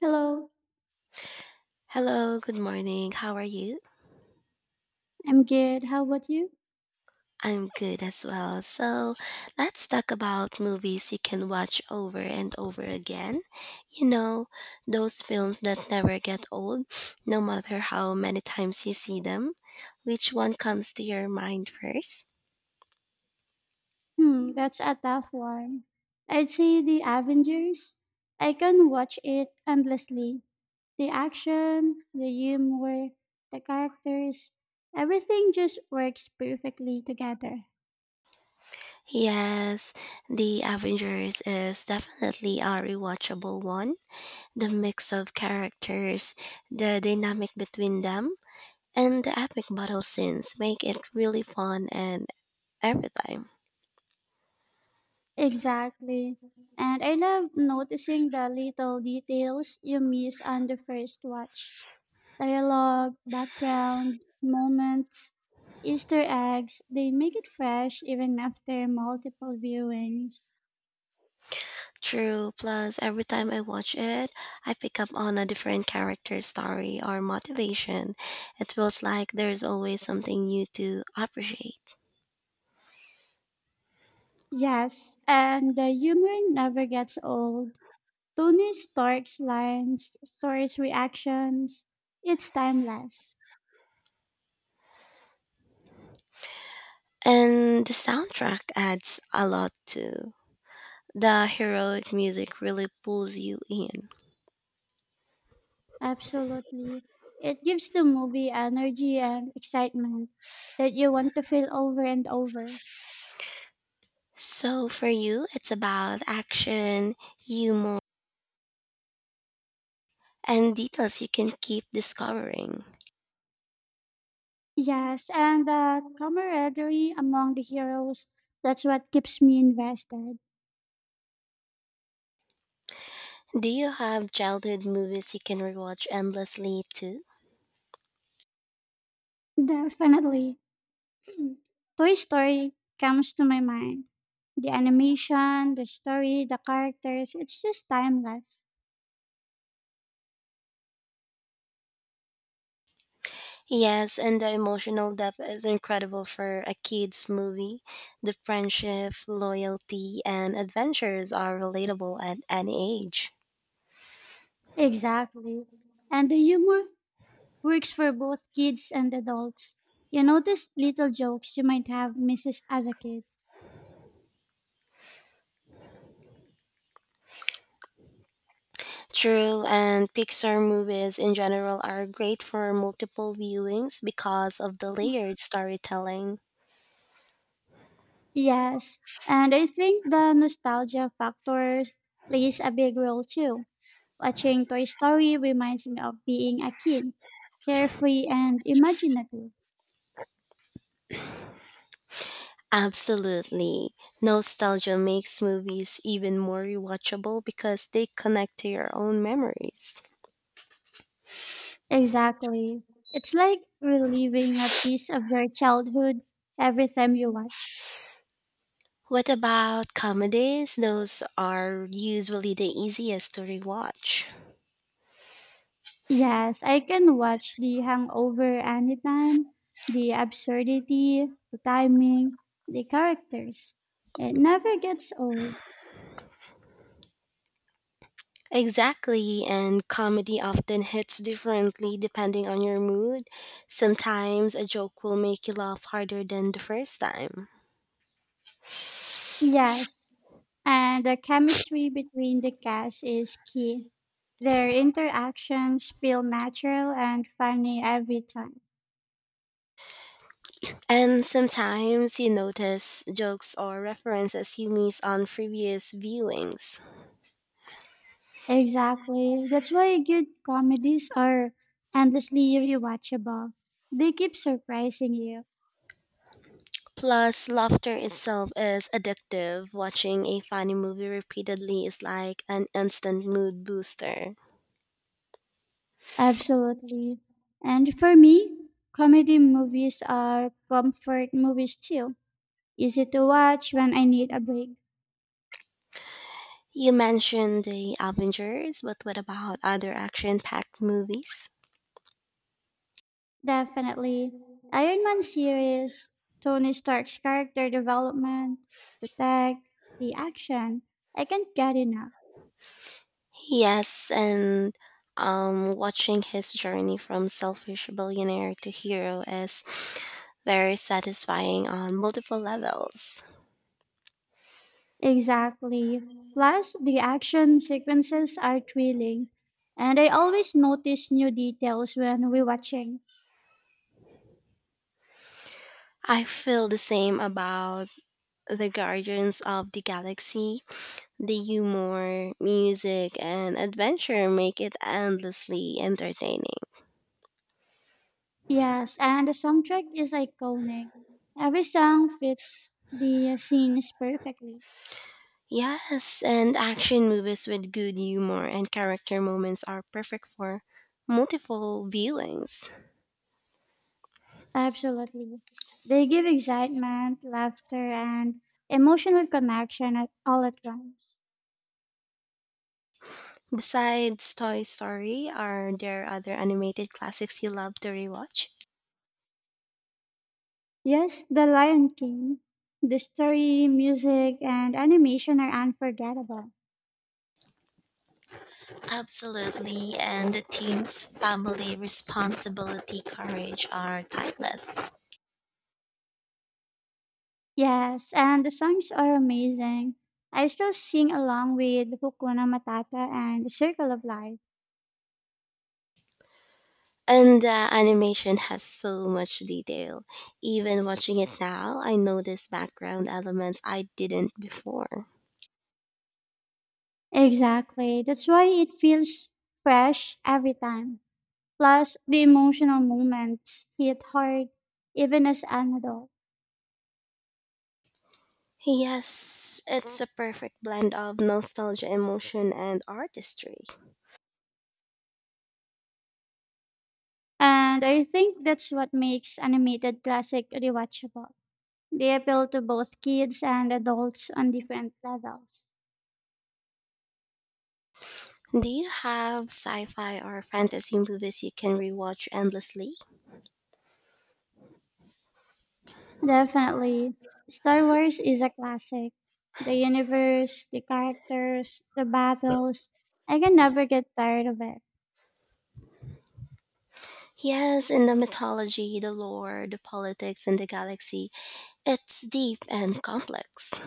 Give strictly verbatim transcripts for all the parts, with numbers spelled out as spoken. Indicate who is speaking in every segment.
Speaker 1: Hello,
Speaker 2: Hello, good morning. How are you?
Speaker 1: I'm good. How about you?
Speaker 2: I'm good as well. So, let's talk about movies you can watch over and over again. You know, those films that never get old, no matter how many times you see them. Which one comes to your mind first?
Speaker 1: Hmm, that's a tough one. I'd say the Avengers. I can watch it endlessly. The action, the humor, the characters, everything just works perfectly together.
Speaker 2: Yes, The Avengers is definitely a rewatchable one. The mix of characters, the dynamic between them, and the epic battle scenes make it really fun and every time.
Speaker 1: Exactly. And I love noticing the little details you miss on the first watch. Dialogue, background, moments, Easter eggs, they make it fresh even after multiple viewings.
Speaker 2: True. Plus, every time I watch it, I pick up on a different character story or motivation. It feels like there's always something new to appreciate.
Speaker 1: Yes, and the humor never gets old. Tony Stark's lines, Thor's reactions, it's timeless.
Speaker 2: And the soundtrack adds a lot too. The heroic music really pulls you in.
Speaker 1: Absolutely. It gives the movie energy and excitement that you want to feel over and over.
Speaker 2: So, for you, it's about action, humor, and details you can keep discovering.
Speaker 1: Yes, and the camaraderie among the heroes, that's what keeps me invested.
Speaker 2: Do you have childhood movies you can rewatch endlessly too?
Speaker 1: Definitely. Toy Story comes to my mind. The animation, the story, the characters, it's just timeless.
Speaker 2: Yes, and the emotional depth is incredible for a kids' movie. The friendship, loyalty, and adventures are relatable at any age.
Speaker 1: Exactly. And the humor works for both kids and adults. You notice little jokes you might have missed as a kid.
Speaker 2: True, and Pixar movies in general are great for multiple viewings because of the layered storytelling.
Speaker 1: Yes, and I think the nostalgia factor plays a big role too. Watching Toy Story reminds me of being a kid, carefree and imaginative.
Speaker 2: Absolutely. Nostalgia makes movies even more rewatchable because they connect to your own memories.
Speaker 1: Exactly. It's like reliving a piece of your childhood every time you watch.
Speaker 2: What about comedies? Those are usually the easiest to rewatch.
Speaker 1: Yes, I can watch The Hangover anytime. The absurdity, the timing, the characters. It never gets old.
Speaker 2: Exactly, and comedy often hits differently depending on your mood. Sometimes a joke will make you laugh harder than the first time.
Speaker 1: Yes, and the chemistry between the cast is key. Their interactions feel natural and funny every time.
Speaker 2: And sometimes you notice jokes or references you miss on previous viewings.
Speaker 1: Exactly. That's why good comedies are endlessly rewatchable. They keep surprising you.
Speaker 2: Plus, laughter itself is addictive. Watching a funny movie repeatedly is like an instant mood booster.
Speaker 1: Absolutely. And for me, comedy movies are comfort movies too. Easy to watch when I need a break.
Speaker 2: You mentioned the Avengers, but what about other action-packed movies?
Speaker 1: Definitely. Iron Man series, Tony Stark's character development, the tech, the action. I can't get enough.
Speaker 2: Yes, and um, watching his journey from selfish billionaire to hero is very satisfying on multiple levels.
Speaker 1: Exactly. Plus, the action sequences are thrilling, and I always notice new details when rewatching.
Speaker 2: I feel the same about the Guardians of the Galaxy. The humor, music, and adventure make it endlessly entertaining.
Speaker 1: Yes, and the soundtrack is iconic. Every song fits the scenes perfectly.
Speaker 2: Yes, and action movies with good humor and character moments are perfect for multiple viewings.
Speaker 1: Absolutely. They give excitement, laughter, and emotional connection at all at once.
Speaker 2: Besides Toy Story, are there other animated classics you love to rewatch?
Speaker 1: Yes, The Lion King. The story, music, and animation are unforgettable.
Speaker 2: Absolutely, and the team's family responsibility courage are timeless.
Speaker 1: Yes, and the songs are amazing. I still sing along with Hukuna Matata and The Circle of Life.
Speaker 2: And the animation has so much detail. Even watching it now, I notice background elements I didn't before.
Speaker 1: Exactly. That's why it feels fresh every time. Plus, the emotional moments hit hard even as an adult.
Speaker 2: Yes, it's a perfect blend of nostalgia, emotion, and artistry.
Speaker 1: And I think that's what makes animated classic rewatchable. They appeal to both kids and adults on different levels.
Speaker 2: Do you have sci fi or fantasy movies you can rewatch endlessly?
Speaker 1: Definitely. Star Wars is a classic. The universe, the characters, the battles. I can never get tired of it.
Speaker 2: Yes, in the mythology, the lore, the politics, and the galaxy, it's deep and complex.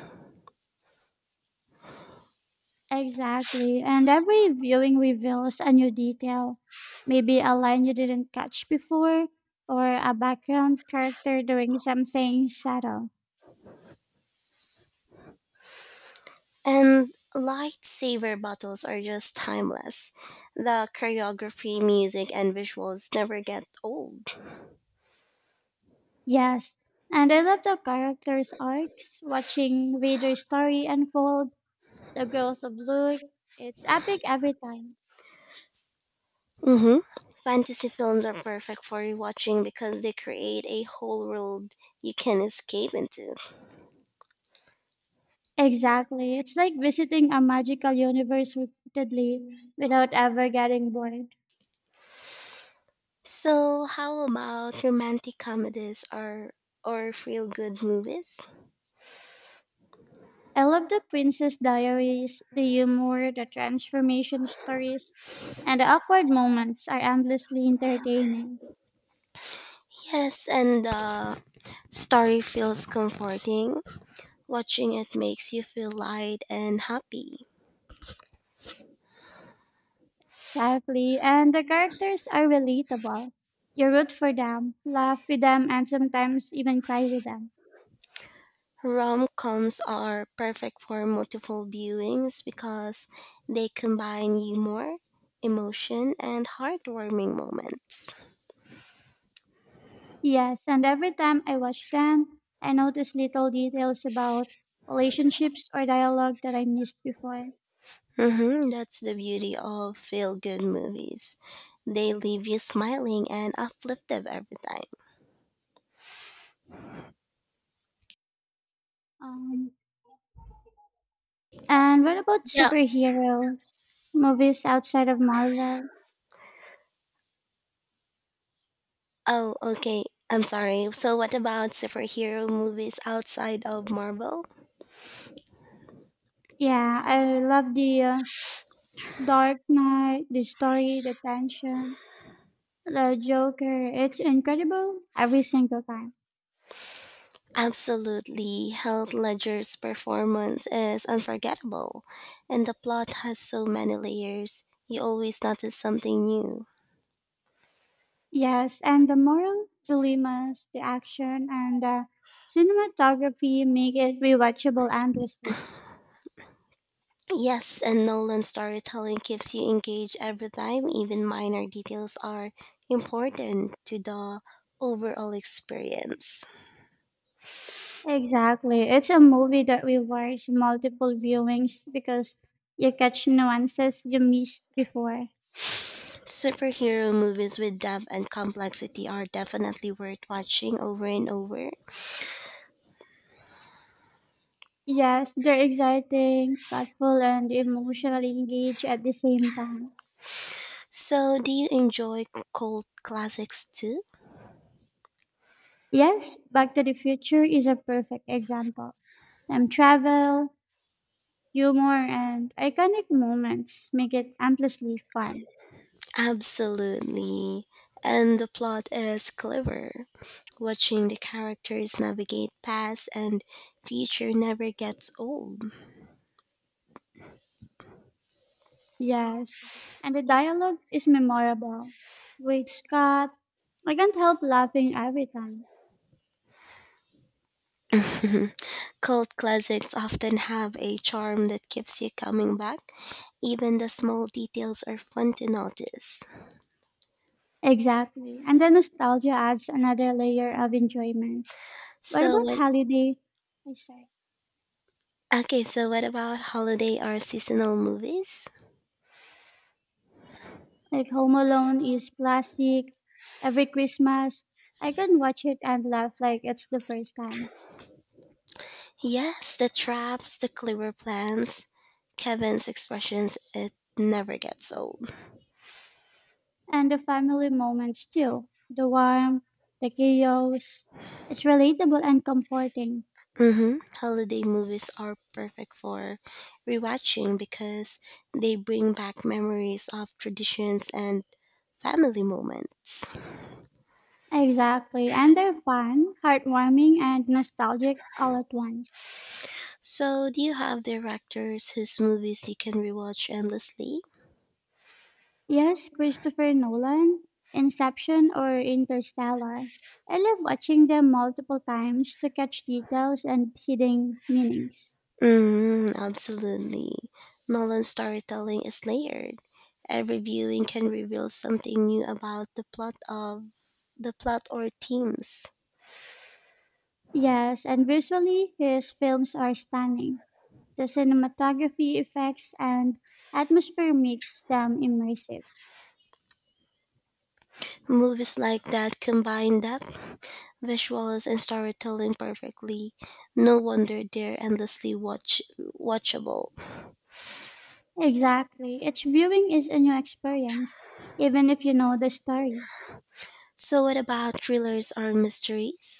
Speaker 1: Exactly. And every viewing reveals a new detail. Maybe a line you didn't catch before, or a background character doing something subtle.
Speaker 2: And lightsaber battles are just timeless. The choreography, music, and visuals never get old.
Speaker 1: Yes. And I love the characters' arcs, watching Vader's story unfold, the Girls of Luke. It's epic every time.
Speaker 2: Mm-hmm. Fantasy films are perfect for rewatching because they create a whole world you can escape into.
Speaker 1: Exactly. It's like visiting a magical universe repeatedly without ever getting bored.
Speaker 2: So, how about romantic comedies or or feel good movies?
Speaker 1: I love the Princess Diaries, the humor, the transformation stories, and the awkward moments are endlessly entertaining.
Speaker 2: Yes, and the story feels comforting. Watching it makes you feel light and happy.
Speaker 1: Exactly. And the characters are relatable. You root for them, laugh with them, and sometimes even cry with them.
Speaker 2: Rom coms are perfect for multiple viewings because they combine humor, emotion, and heartwarming moments.
Speaker 1: Yes, and every time I watch them, I notice little details about relationships or dialogue that I missed before.
Speaker 2: Hmm, that's the beauty of feel good movies. They leave you smiling and uplifted every time.
Speaker 1: Um, And what about
Speaker 2: Yeah.
Speaker 1: superhero movies outside of Marvel?
Speaker 2: Oh, okay. I'm sorry. So, what about superhero movies outside of Marvel?
Speaker 1: Yeah, I love the uh, Dark Knight, the story, the tension, the Joker. It's incredible every single time.
Speaker 2: Absolutely. Heath Ledger's performance is unforgettable, and the plot has so many layers. You always notice something new.
Speaker 1: Yes, and the moral dilemmas, the action, and the cinematography make it rewatchable endlessly.
Speaker 2: Yes, and Nolan's storytelling keeps you engaged every time, even minor details are important to the overall experience.
Speaker 1: Exactly. It's a movie that requires multiple viewings because you catch nuances you missed before.
Speaker 2: Superhero movies with depth and complexity are definitely worth watching over and over.
Speaker 1: Yes, they're exciting, thoughtful, and emotionally engaged at the same time.
Speaker 2: So, do you enjoy cult classics too?
Speaker 1: Yes, Back to the Future is a perfect example. Time travel, humor, and iconic moments make it endlessly fun.
Speaker 2: Absolutely. And the plot is clever. Watching the characters navigate past and future never gets old.
Speaker 1: Yes, and the dialogue is memorable. Wait, Scott, I can't help laughing every time.
Speaker 2: Cult classics often have a charm that keeps you coming back. Even the small details are fun to notice.
Speaker 1: Exactly, and the nostalgia adds another layer of enjoyment. What
Speaker 2: So
Speaker 1: about
Speaker 2: what
Speaker 1: holiday? I say.
Speaker 2: Okay, so what about holiday or seasonal movies?
Speaker 1: Like Home Alone is classic. Every Christmas, I can watch it and laugh like it's the first time.
Speaker 2: Yes, the traps, the clever plans, Kevin's expressions, it never gets old.
Speaker 1: And the family moments too. The warmth, the chaos. It's relatable and comforting.
Speaker 2: Mm-hmm. Holiday movies are perfect for rewatching because they bring back memories of traditions and family moments.
Speaker 1: Exactly. And they're fun, heartwarming, and nostalgic all at once.
Speaker 2: So, do you have directors whose movies you can rewatch endlessly?
Speaker 1: Yes, Christopher Nolan, Inception, or Interstellar. I love watching them multiple times to catch details and hidden meanings.
Speaker 2: Mm, absolutely. Nolan's storytelling is layered. Every viewing can reveal something new about the plot of the plot or themes.
Speaker 1: Yes, and visually, his films are stunning. The cinematography effects and atmosphere makes them immersive.
Speaker 2: Movies like that combine depth, visuals, and storytelling perfectly. No wonder they're endlessly watch watchable.
Speaker 1: Exactly. Each viewing is a new experience, even if you know the story.
Speaker 2: So, what about thrillers or mysteries?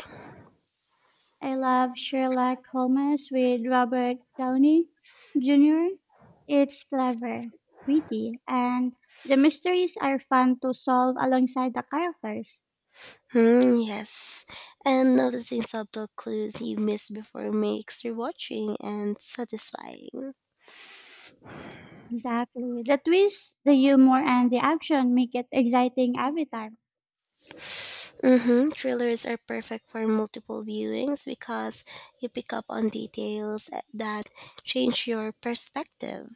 Speaker 1: I love Sherlock Holmes with Robert Downey Junior It's clever, witty, and the mysteries are fun to solve alongside the characters.
Speaker 2: Hmm, yes. And noticing subtle clues you missed before makes rewatching and satisfying.
Speaker 1: Exactly. The twist, the humor, and the action make it exciting every time.
Speaker 2: Mm-hmm. Thrillers are perfect for multiple viewings because you pick up on details that change your perspective.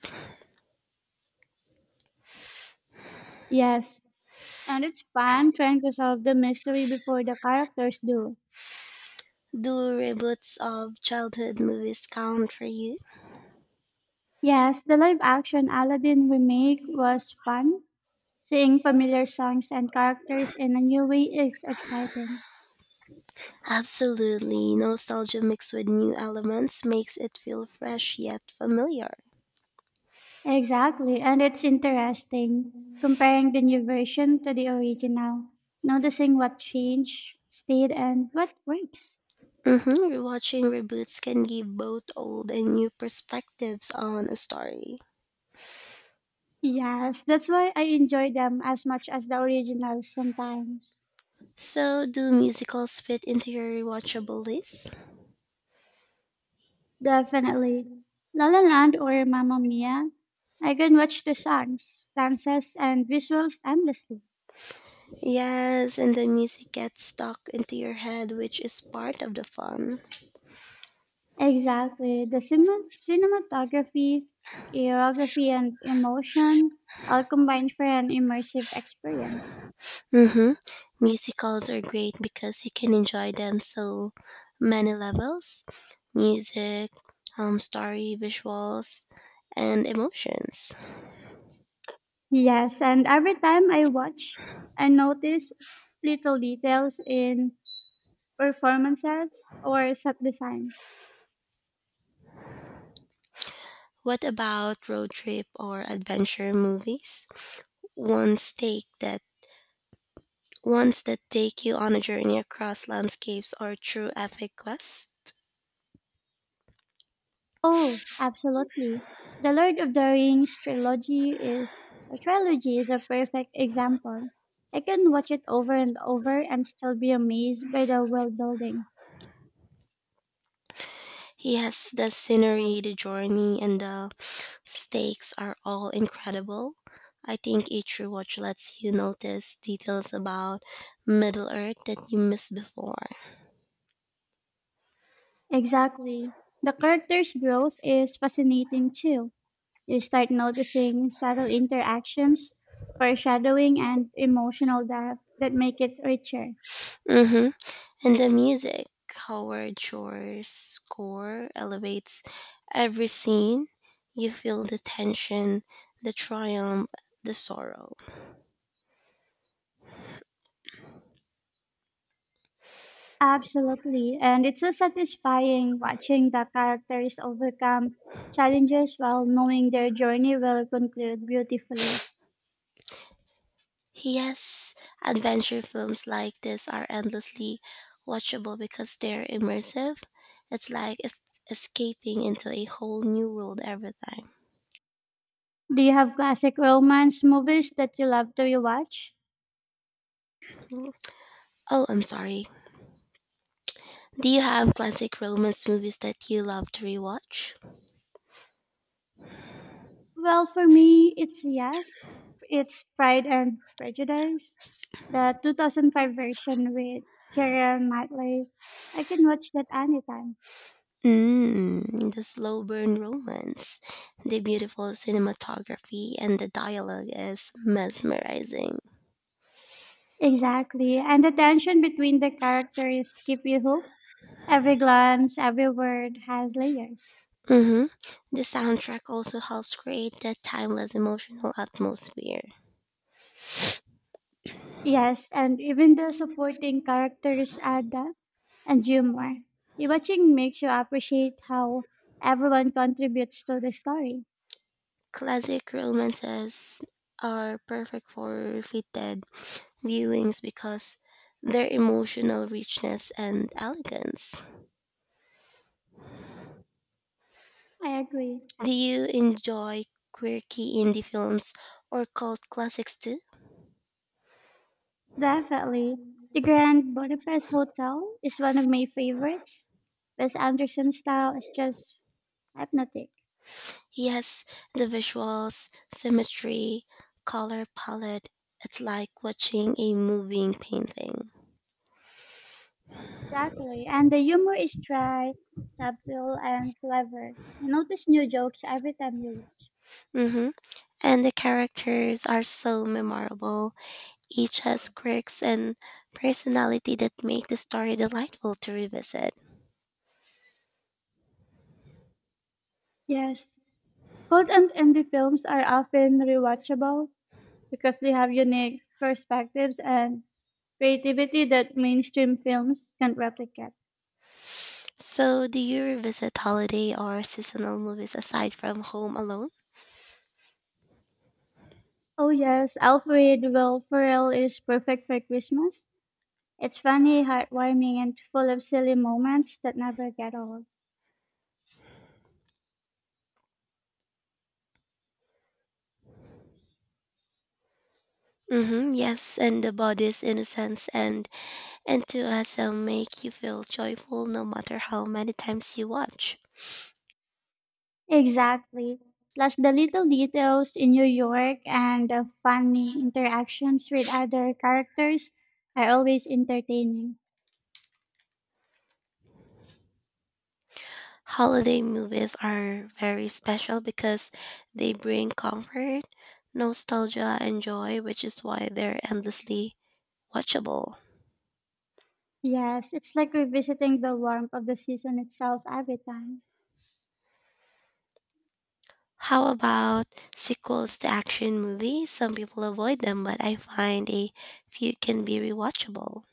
Speaker 1: Yes, and it's fun trying to solve the mystery before the characters do.
Speaker 2: Do reboots of childhood movies count for you?
Speaker 1: Yes, the live action Aladdin remake was fun. Seeing familiar songs and characters in a new way is exciting.
Speaker 2: Absolutely. Nostalgia mixed with new elements makes it feel fresh yet familiar.
Speaker 1: Exactly, and it's interesting comparing the new version to the original, noticing what changed, stayed, and what works.
Speaker 2: Mm-hmm. Watching reboots can give both old and new perspectives on a story.
Speaker 1: Yes, that's why I enjoy them as much as the originals sometimes.
Speaker 2: So, do musicals fit into your rewatchable list?
Speaker 1: Definitely. La La Land or Mamma Mia, I can watch the songs, dances, and visuals endlessly.
Speaker 2: Yes, and the music gets stuck into your head, which is part of the fun.
Speaker 1: Exactly. The cinem- cinematography, choreography, and emotion all combined for an immersive experience.
Speaker 2: Mm-hmm. Musicals are great because you can enjoy them so many levels music, um, story, visuals, and emotions.
Speaker 1: Yes, and every time I watch, I notice little details in performances or set designs.
Speaker 2: What about road trip or adventure movies? ones take that ones that take you on a journey across landscapes or through epic quests.
Speaker 1: Oh, absolutely. The Lord of the Rings trilogy is, or trilogy is a perfect example. I can watch it over and over and still be amazed by the world building.
Speaker 2: Yes, the scenery, the journey, and the stakes are all incredible. I think each rewatch lets you notice details about Middle Earth that you missed before.
Speaker 1: Exactly. The character's growth is fascinating too. You start noticing subtle interactions, foreshadowing, and emotional depth that make it richer.
Speaker 2: Mm-hmm. And the music, Howard Shore's score elevates every scene. You feel the tension, the triumph, the sorrow.
Speaker 1: Absolutely. And it's so satisfying watching the characters overcome challenges while knowing their journey will conclude beautifully.
Speaker 2: Yes, adventure films like this are endlessly watchable because they're immersive. It's like es- escaping into a whole new world every time.
Speaker 1: Do you have classic romance movies that you love to rewatch?
Speaker 2: Oh, I'm sorry. Do you have classic romance movies that you love to rewatch?
Speaker 1: Well, for me, it's yes. It's Pride and Prejudice, the two thousand five version with Keira Knightley. I can watch that anytime.
Speaker 2: Mmm, the slow burn romance. The beautiful cinematography and the dialogue is mesmerizing.
Speaker 1: Exactly. And the tension between the characters keep you hooked. Every glance, every word has layers.
Speaker 2: Mm-hmm. The soundtrack also helps create that timeless emotional atmosphere.
Speaker 1: Yes, and even the supporting characters add depth and humor. The Watching makes you appreciate how everyone contributes to the story.
Speaker 2: Classic romances are perfect for repeated viewings because their emotional richness and elegance.
Speaker 1: I agree.
Speaker 2: Do you enjoy quirky indie films or cult classics too?
Speaker 1: Definitely. The Grand Budapest Hotel is one of my favorites. Wes Anderson's style is just hypnotic.
Speaker 2: Yes, the visuals, symmetry, color palette. It's like watching a moving painting.
Speaker 1: Exactly. And the humor is dry, subtle, and clever. You notice new jokes every time you watch.
Speaker 2: Hmm. And the characters are so memorable. Each has quirks and personality that make the story delightful to revisit.
Speaker 1: Yes. Cold and indie films are often rewatchable because they have unique perspectives and creativity that mainstream films can't replicate.
Speaker 2: So, do you revisit holiday or seasonal movies aside from Home Alone?
Speaker 1: Oh, yes. Alfred Will Ferrell is perfect for Christmas. It's funny, heartwarming, and full of silly moments that never get old.
Speaker 2: Mm-hmm, yes, and The Body's Innocence and Enthusiasm make you feel joyful no matter how many times you watch.
Speaker 1: Exactly. Plus the little details in New York and the funny interactions with other characters are always entertaining.
Speaker 2: Holiday movies are very special because they bring comfort, nostalgia, and joy, which is why they're endlessly watchable.
Speaker 1: Yes, it's like revisiting the warmth of the season itself every time.
Speaker 2: How about sequels to action movies? Some people avoid them, but I find a few can be rewatchable.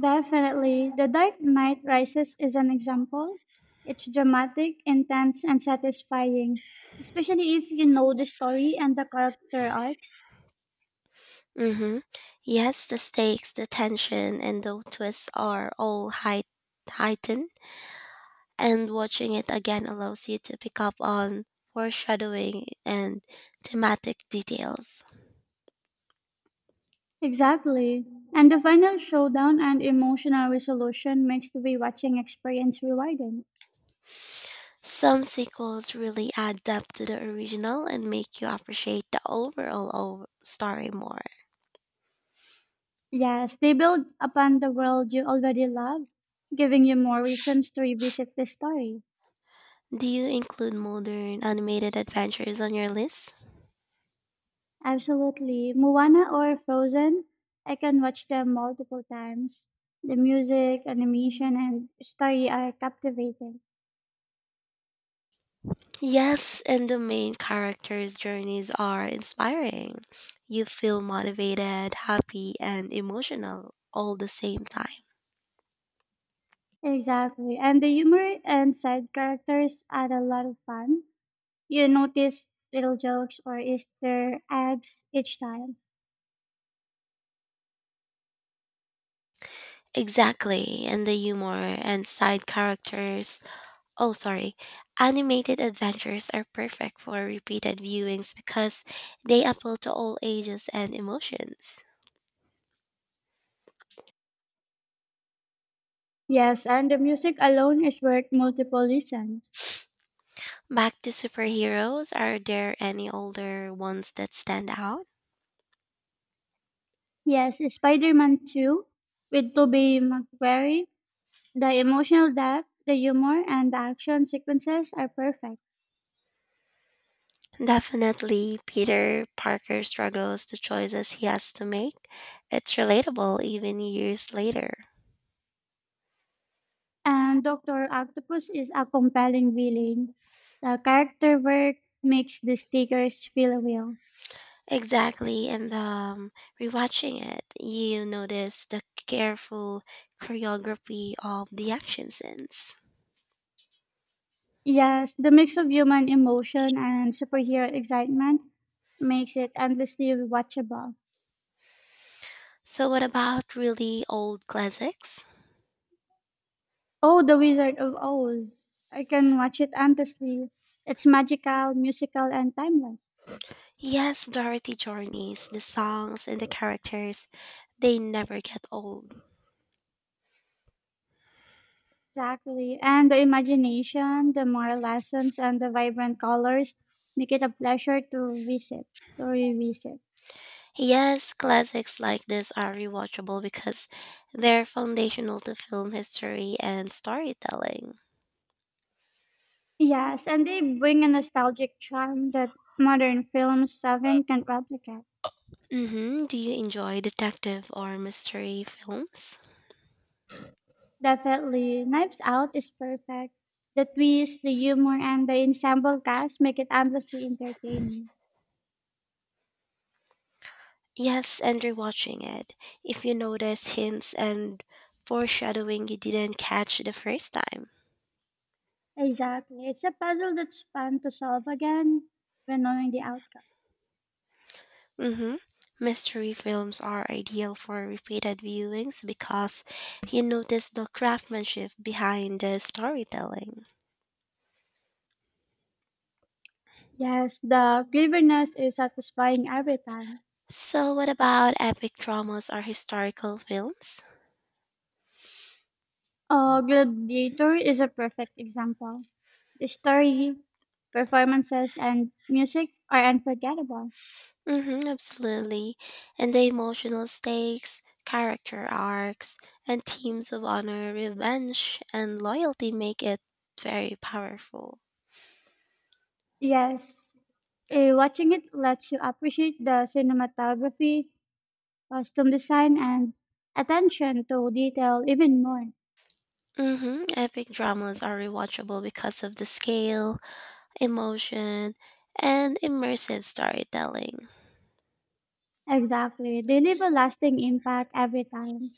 Speaker 1: Definitely. The Dark Knight Rises is an example. It's dramatic, intense, and satisfying, especially if you know the story and the character arcs.
Speaker 2: Mm-hmm. Yes, the stakes, the tension, and the twists are all height- heightened, and watching it again allows you to pick up on foreshadowing and thematic details.
Speaker 1: Exactly. And the final showdown and emotional resolution makes the rewatching experience rewarding.
Speaker 2: Some sequels really add depth to the original and make you appreciate the overall o- story more.
Speaker 1: Yes, they build upon the world you already love, giving you more reasons to revisit the story.
Speaker 2: Do you include modern animated adventures on your list?
Speaker 1: Absolutely. Moana or Frozen, I can watch them multiple times. The music, animation, and story are captivating.
Speaker 2: Yes, and the main characters' journeys are inspiring. You feel motivated, happy, and emotional all the same time.
Speaker 1: Exactly. And the humor and side characters add a lot of fun. You notice little jokes or Easter eggs each time.
Speaker 2: Exactly, and the humor and side characters. Oh, sorry. Animated adventures are perfect for repeated viewings because they appeal to all ages and emotions.
Speaker 1: Yes, and the music alone is worth multiple listens.
Speaker 2: Back to superheroes, are there any older ones that stand out?
Speaker 1: Yes, Spider Man two with Tobey Maguire. The emotional depth, the humor, and the action sequences are perfect.
Speaker 2: Definitely, Peter Parker struggles the choices he has to make. It's relatable even years later.
Speaker 1: And Doctor Octopus is a compelling villain. The character work makes the stickers feel real.
Speaker 2: Exactly, and um, rewatching it, you notice the careful choreography of the action scenes.
Speaker 1: Yes, the mix of human emotion and superhero excitement makes it endlessly watchable.
Speaker 2: So, what about really old classics?
Speaker 1: Oh, The Wizard of Oz. I can watch it endlessly. It's magical, musical, and timeless.
Speaker 2: Yes, Dorothy Journeys, the songs and the characters, they never get old.
Speaker 1: Exactly. And the imagination, the moral lessons, and the vibrant colors make it a pleasure to visit, to revisit.
Speaker 2: Yes, classics like this are rewatchable because they're foundational to film history and storytelling.
Speaker 1: Yes, and they bring a nostalgic charm that modern films seven can replicate.
Speaker 2: Mm-hmm. Do you enjoy detective or mystery films?
Speaker 1: Definitely. Knives Out is perfect. The twist, the humor, and the ensemble cast make it endlessly entertaining.
Speaker 2: Yes, and rewatching it. If you notice hints and foreshadowing you didn't catch the first time.
Speaker 1: Exactly. It's a puzzle that's fun to solve again, even knowing the outcome.
Speaker 2: Mm-hmm. Mystery films are ideal for repeated viewings because you notice the craftsmanship behind the storytelling.
Speaker 1: Yes, the cleverness is satisfying every time.
Speaker 2: So, what about epic dramas or historical films?
Speaker 1: Uh, Gladiator is a perfect example. The story, performances, and music are unforgettable.
Speaker 2: Mm-hmm, absolutely. And the emotional stakes, character arcs, and themes of honor, revenge, and loyalty make it very powerful.
Speaker 1: Yes, eh, watching it lets you appreciate the cinematography, costume design, and attention to detail even more.
Speaker 2: Mm-hmm, epic dramas are rewatchable because of the scale, emotion, and immersive storytelling.
Speaker 1: Exactly. They leave a lasting impact every time.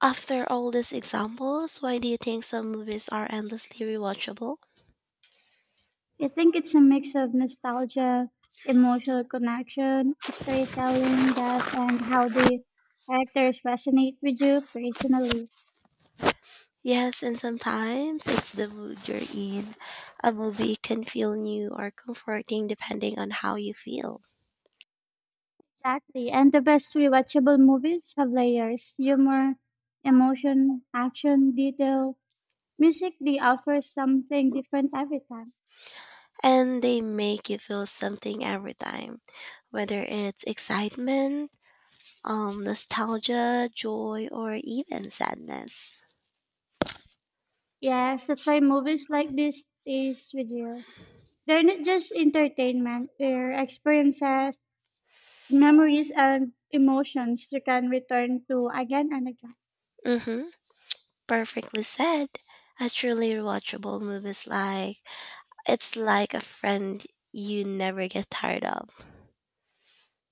Speaker 2: Of their oldest examples, why do you think some movies are endlessly rewatchable?
Speaker 1: I think it's a mix of nostalgia, emotional connection, storytelling, depth, and how the characters resonate with you personally.
Speaker 2: Yes, and sometimes it's the mood you're in. A movie can feel new or comforting depending on how you feel.
Speaker 1: Exactly. And the best rewatchable movies have layers humor, emotion, action, detail, music. They offer something different every time.
Speaker 2: And they make you feel something every time, whether it's excitement, um, nostalgia, joy, or even sadness.
Speaker 1: Yes, that's why movies like this stays with you. They're not just entertainment, they're experiences memories and emotions you can return to again and again.
Speaker 2: Mm-hmm. Perfectly said. A truly rewatchable movie is like it's like a friend you never get tired of.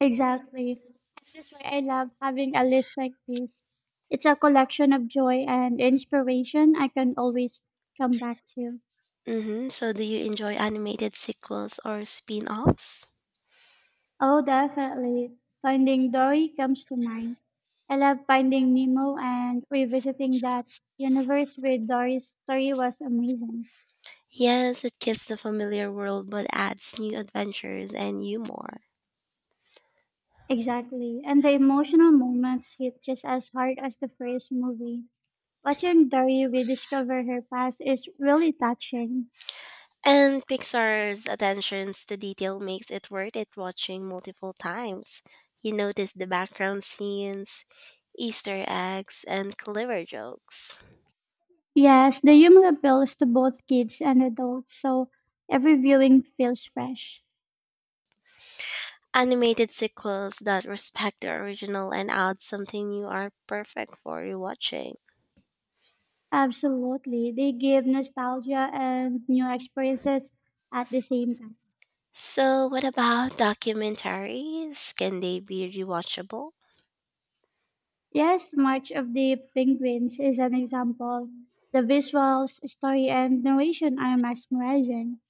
Speaker 1: Exactly. And that's why I love having a list like this. It's a collection of joy and inspiration I can always come back to.
Speaker 2: Mm-hmm. So do you enjoy animated sequels or spin-offs?
Speaker 1: Oh, definitely. Finding Dory comes to mind. I love finding Nemo and revisiting that universe with Dory's story was amazing.
Speaker 2: Yes, it keeps the familiar world but adds new adventures and humor.
Speaker 1: Exactly. And the emotional moments hit just as hard as the first movie. Watching Dari rediscover her past is really touching.
Speaker 2: And Pixar's attentions to detail makes it worth it watching multiple times. You notice the background scenes, Easter eggs, and clever jokes.
Speaker 1: Yes, the humor appeals to both kids and adults, so every viewing feels fresh.
Speaker 2: Animated sequels that respect the original and add something new are perfect for rewatching.
Speaker 1: Absolutely. They give nostalgia and new experiences at the same time.
Speaker 2: So, what about documentaries? Can they be rewatchable?
Speaker 1: Yes, March of the Penguins is an example. The visuals, story, and narration are mesmerizing.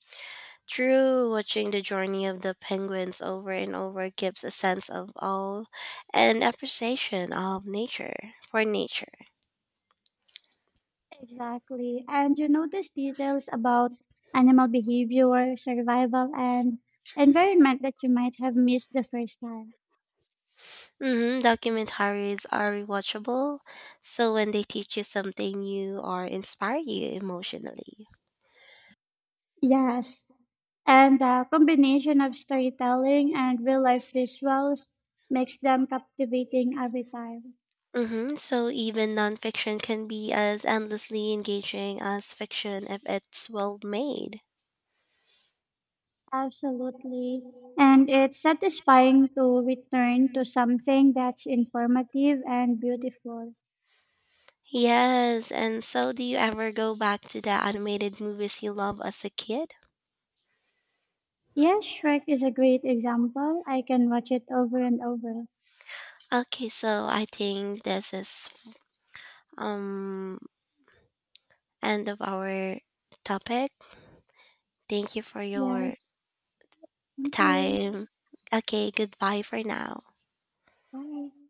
Speaker 2: True, watching the journey of the penguins over and over gives a sense of awe and appreciation of nature for nature.
Speaker 1: Exactly. And you notice details about animal behavior, survival, and environment that you might have missed the first time.
Speaker 2: Hmm. Documentaries are rewatchable, so when they teach you something new or inspire you emotionally.
Speaker 1: Yes. And the combination of storytelling and real life visuals makes them captivating every time.
Speaker 2: Hmm. So even nonfiction can be as endlessly engaging as fiction if it's well made.
Speaker 1: Absolutely. And it's satisfying to return to something that's informative and beautiful.
Speaker 2: Yes, and so do you ever go back to the animated movies you love as a kid?
Speaker 1: Yes, Shrek is a great example. I can watch it over and over.
Speaker 2: Okay, so I think this is um end of our topic. Thank you for your
Speaker 1: Yes. Thank you.
Speaker 2: time. Okay, goodbye for now.
Speaker 1: Bye.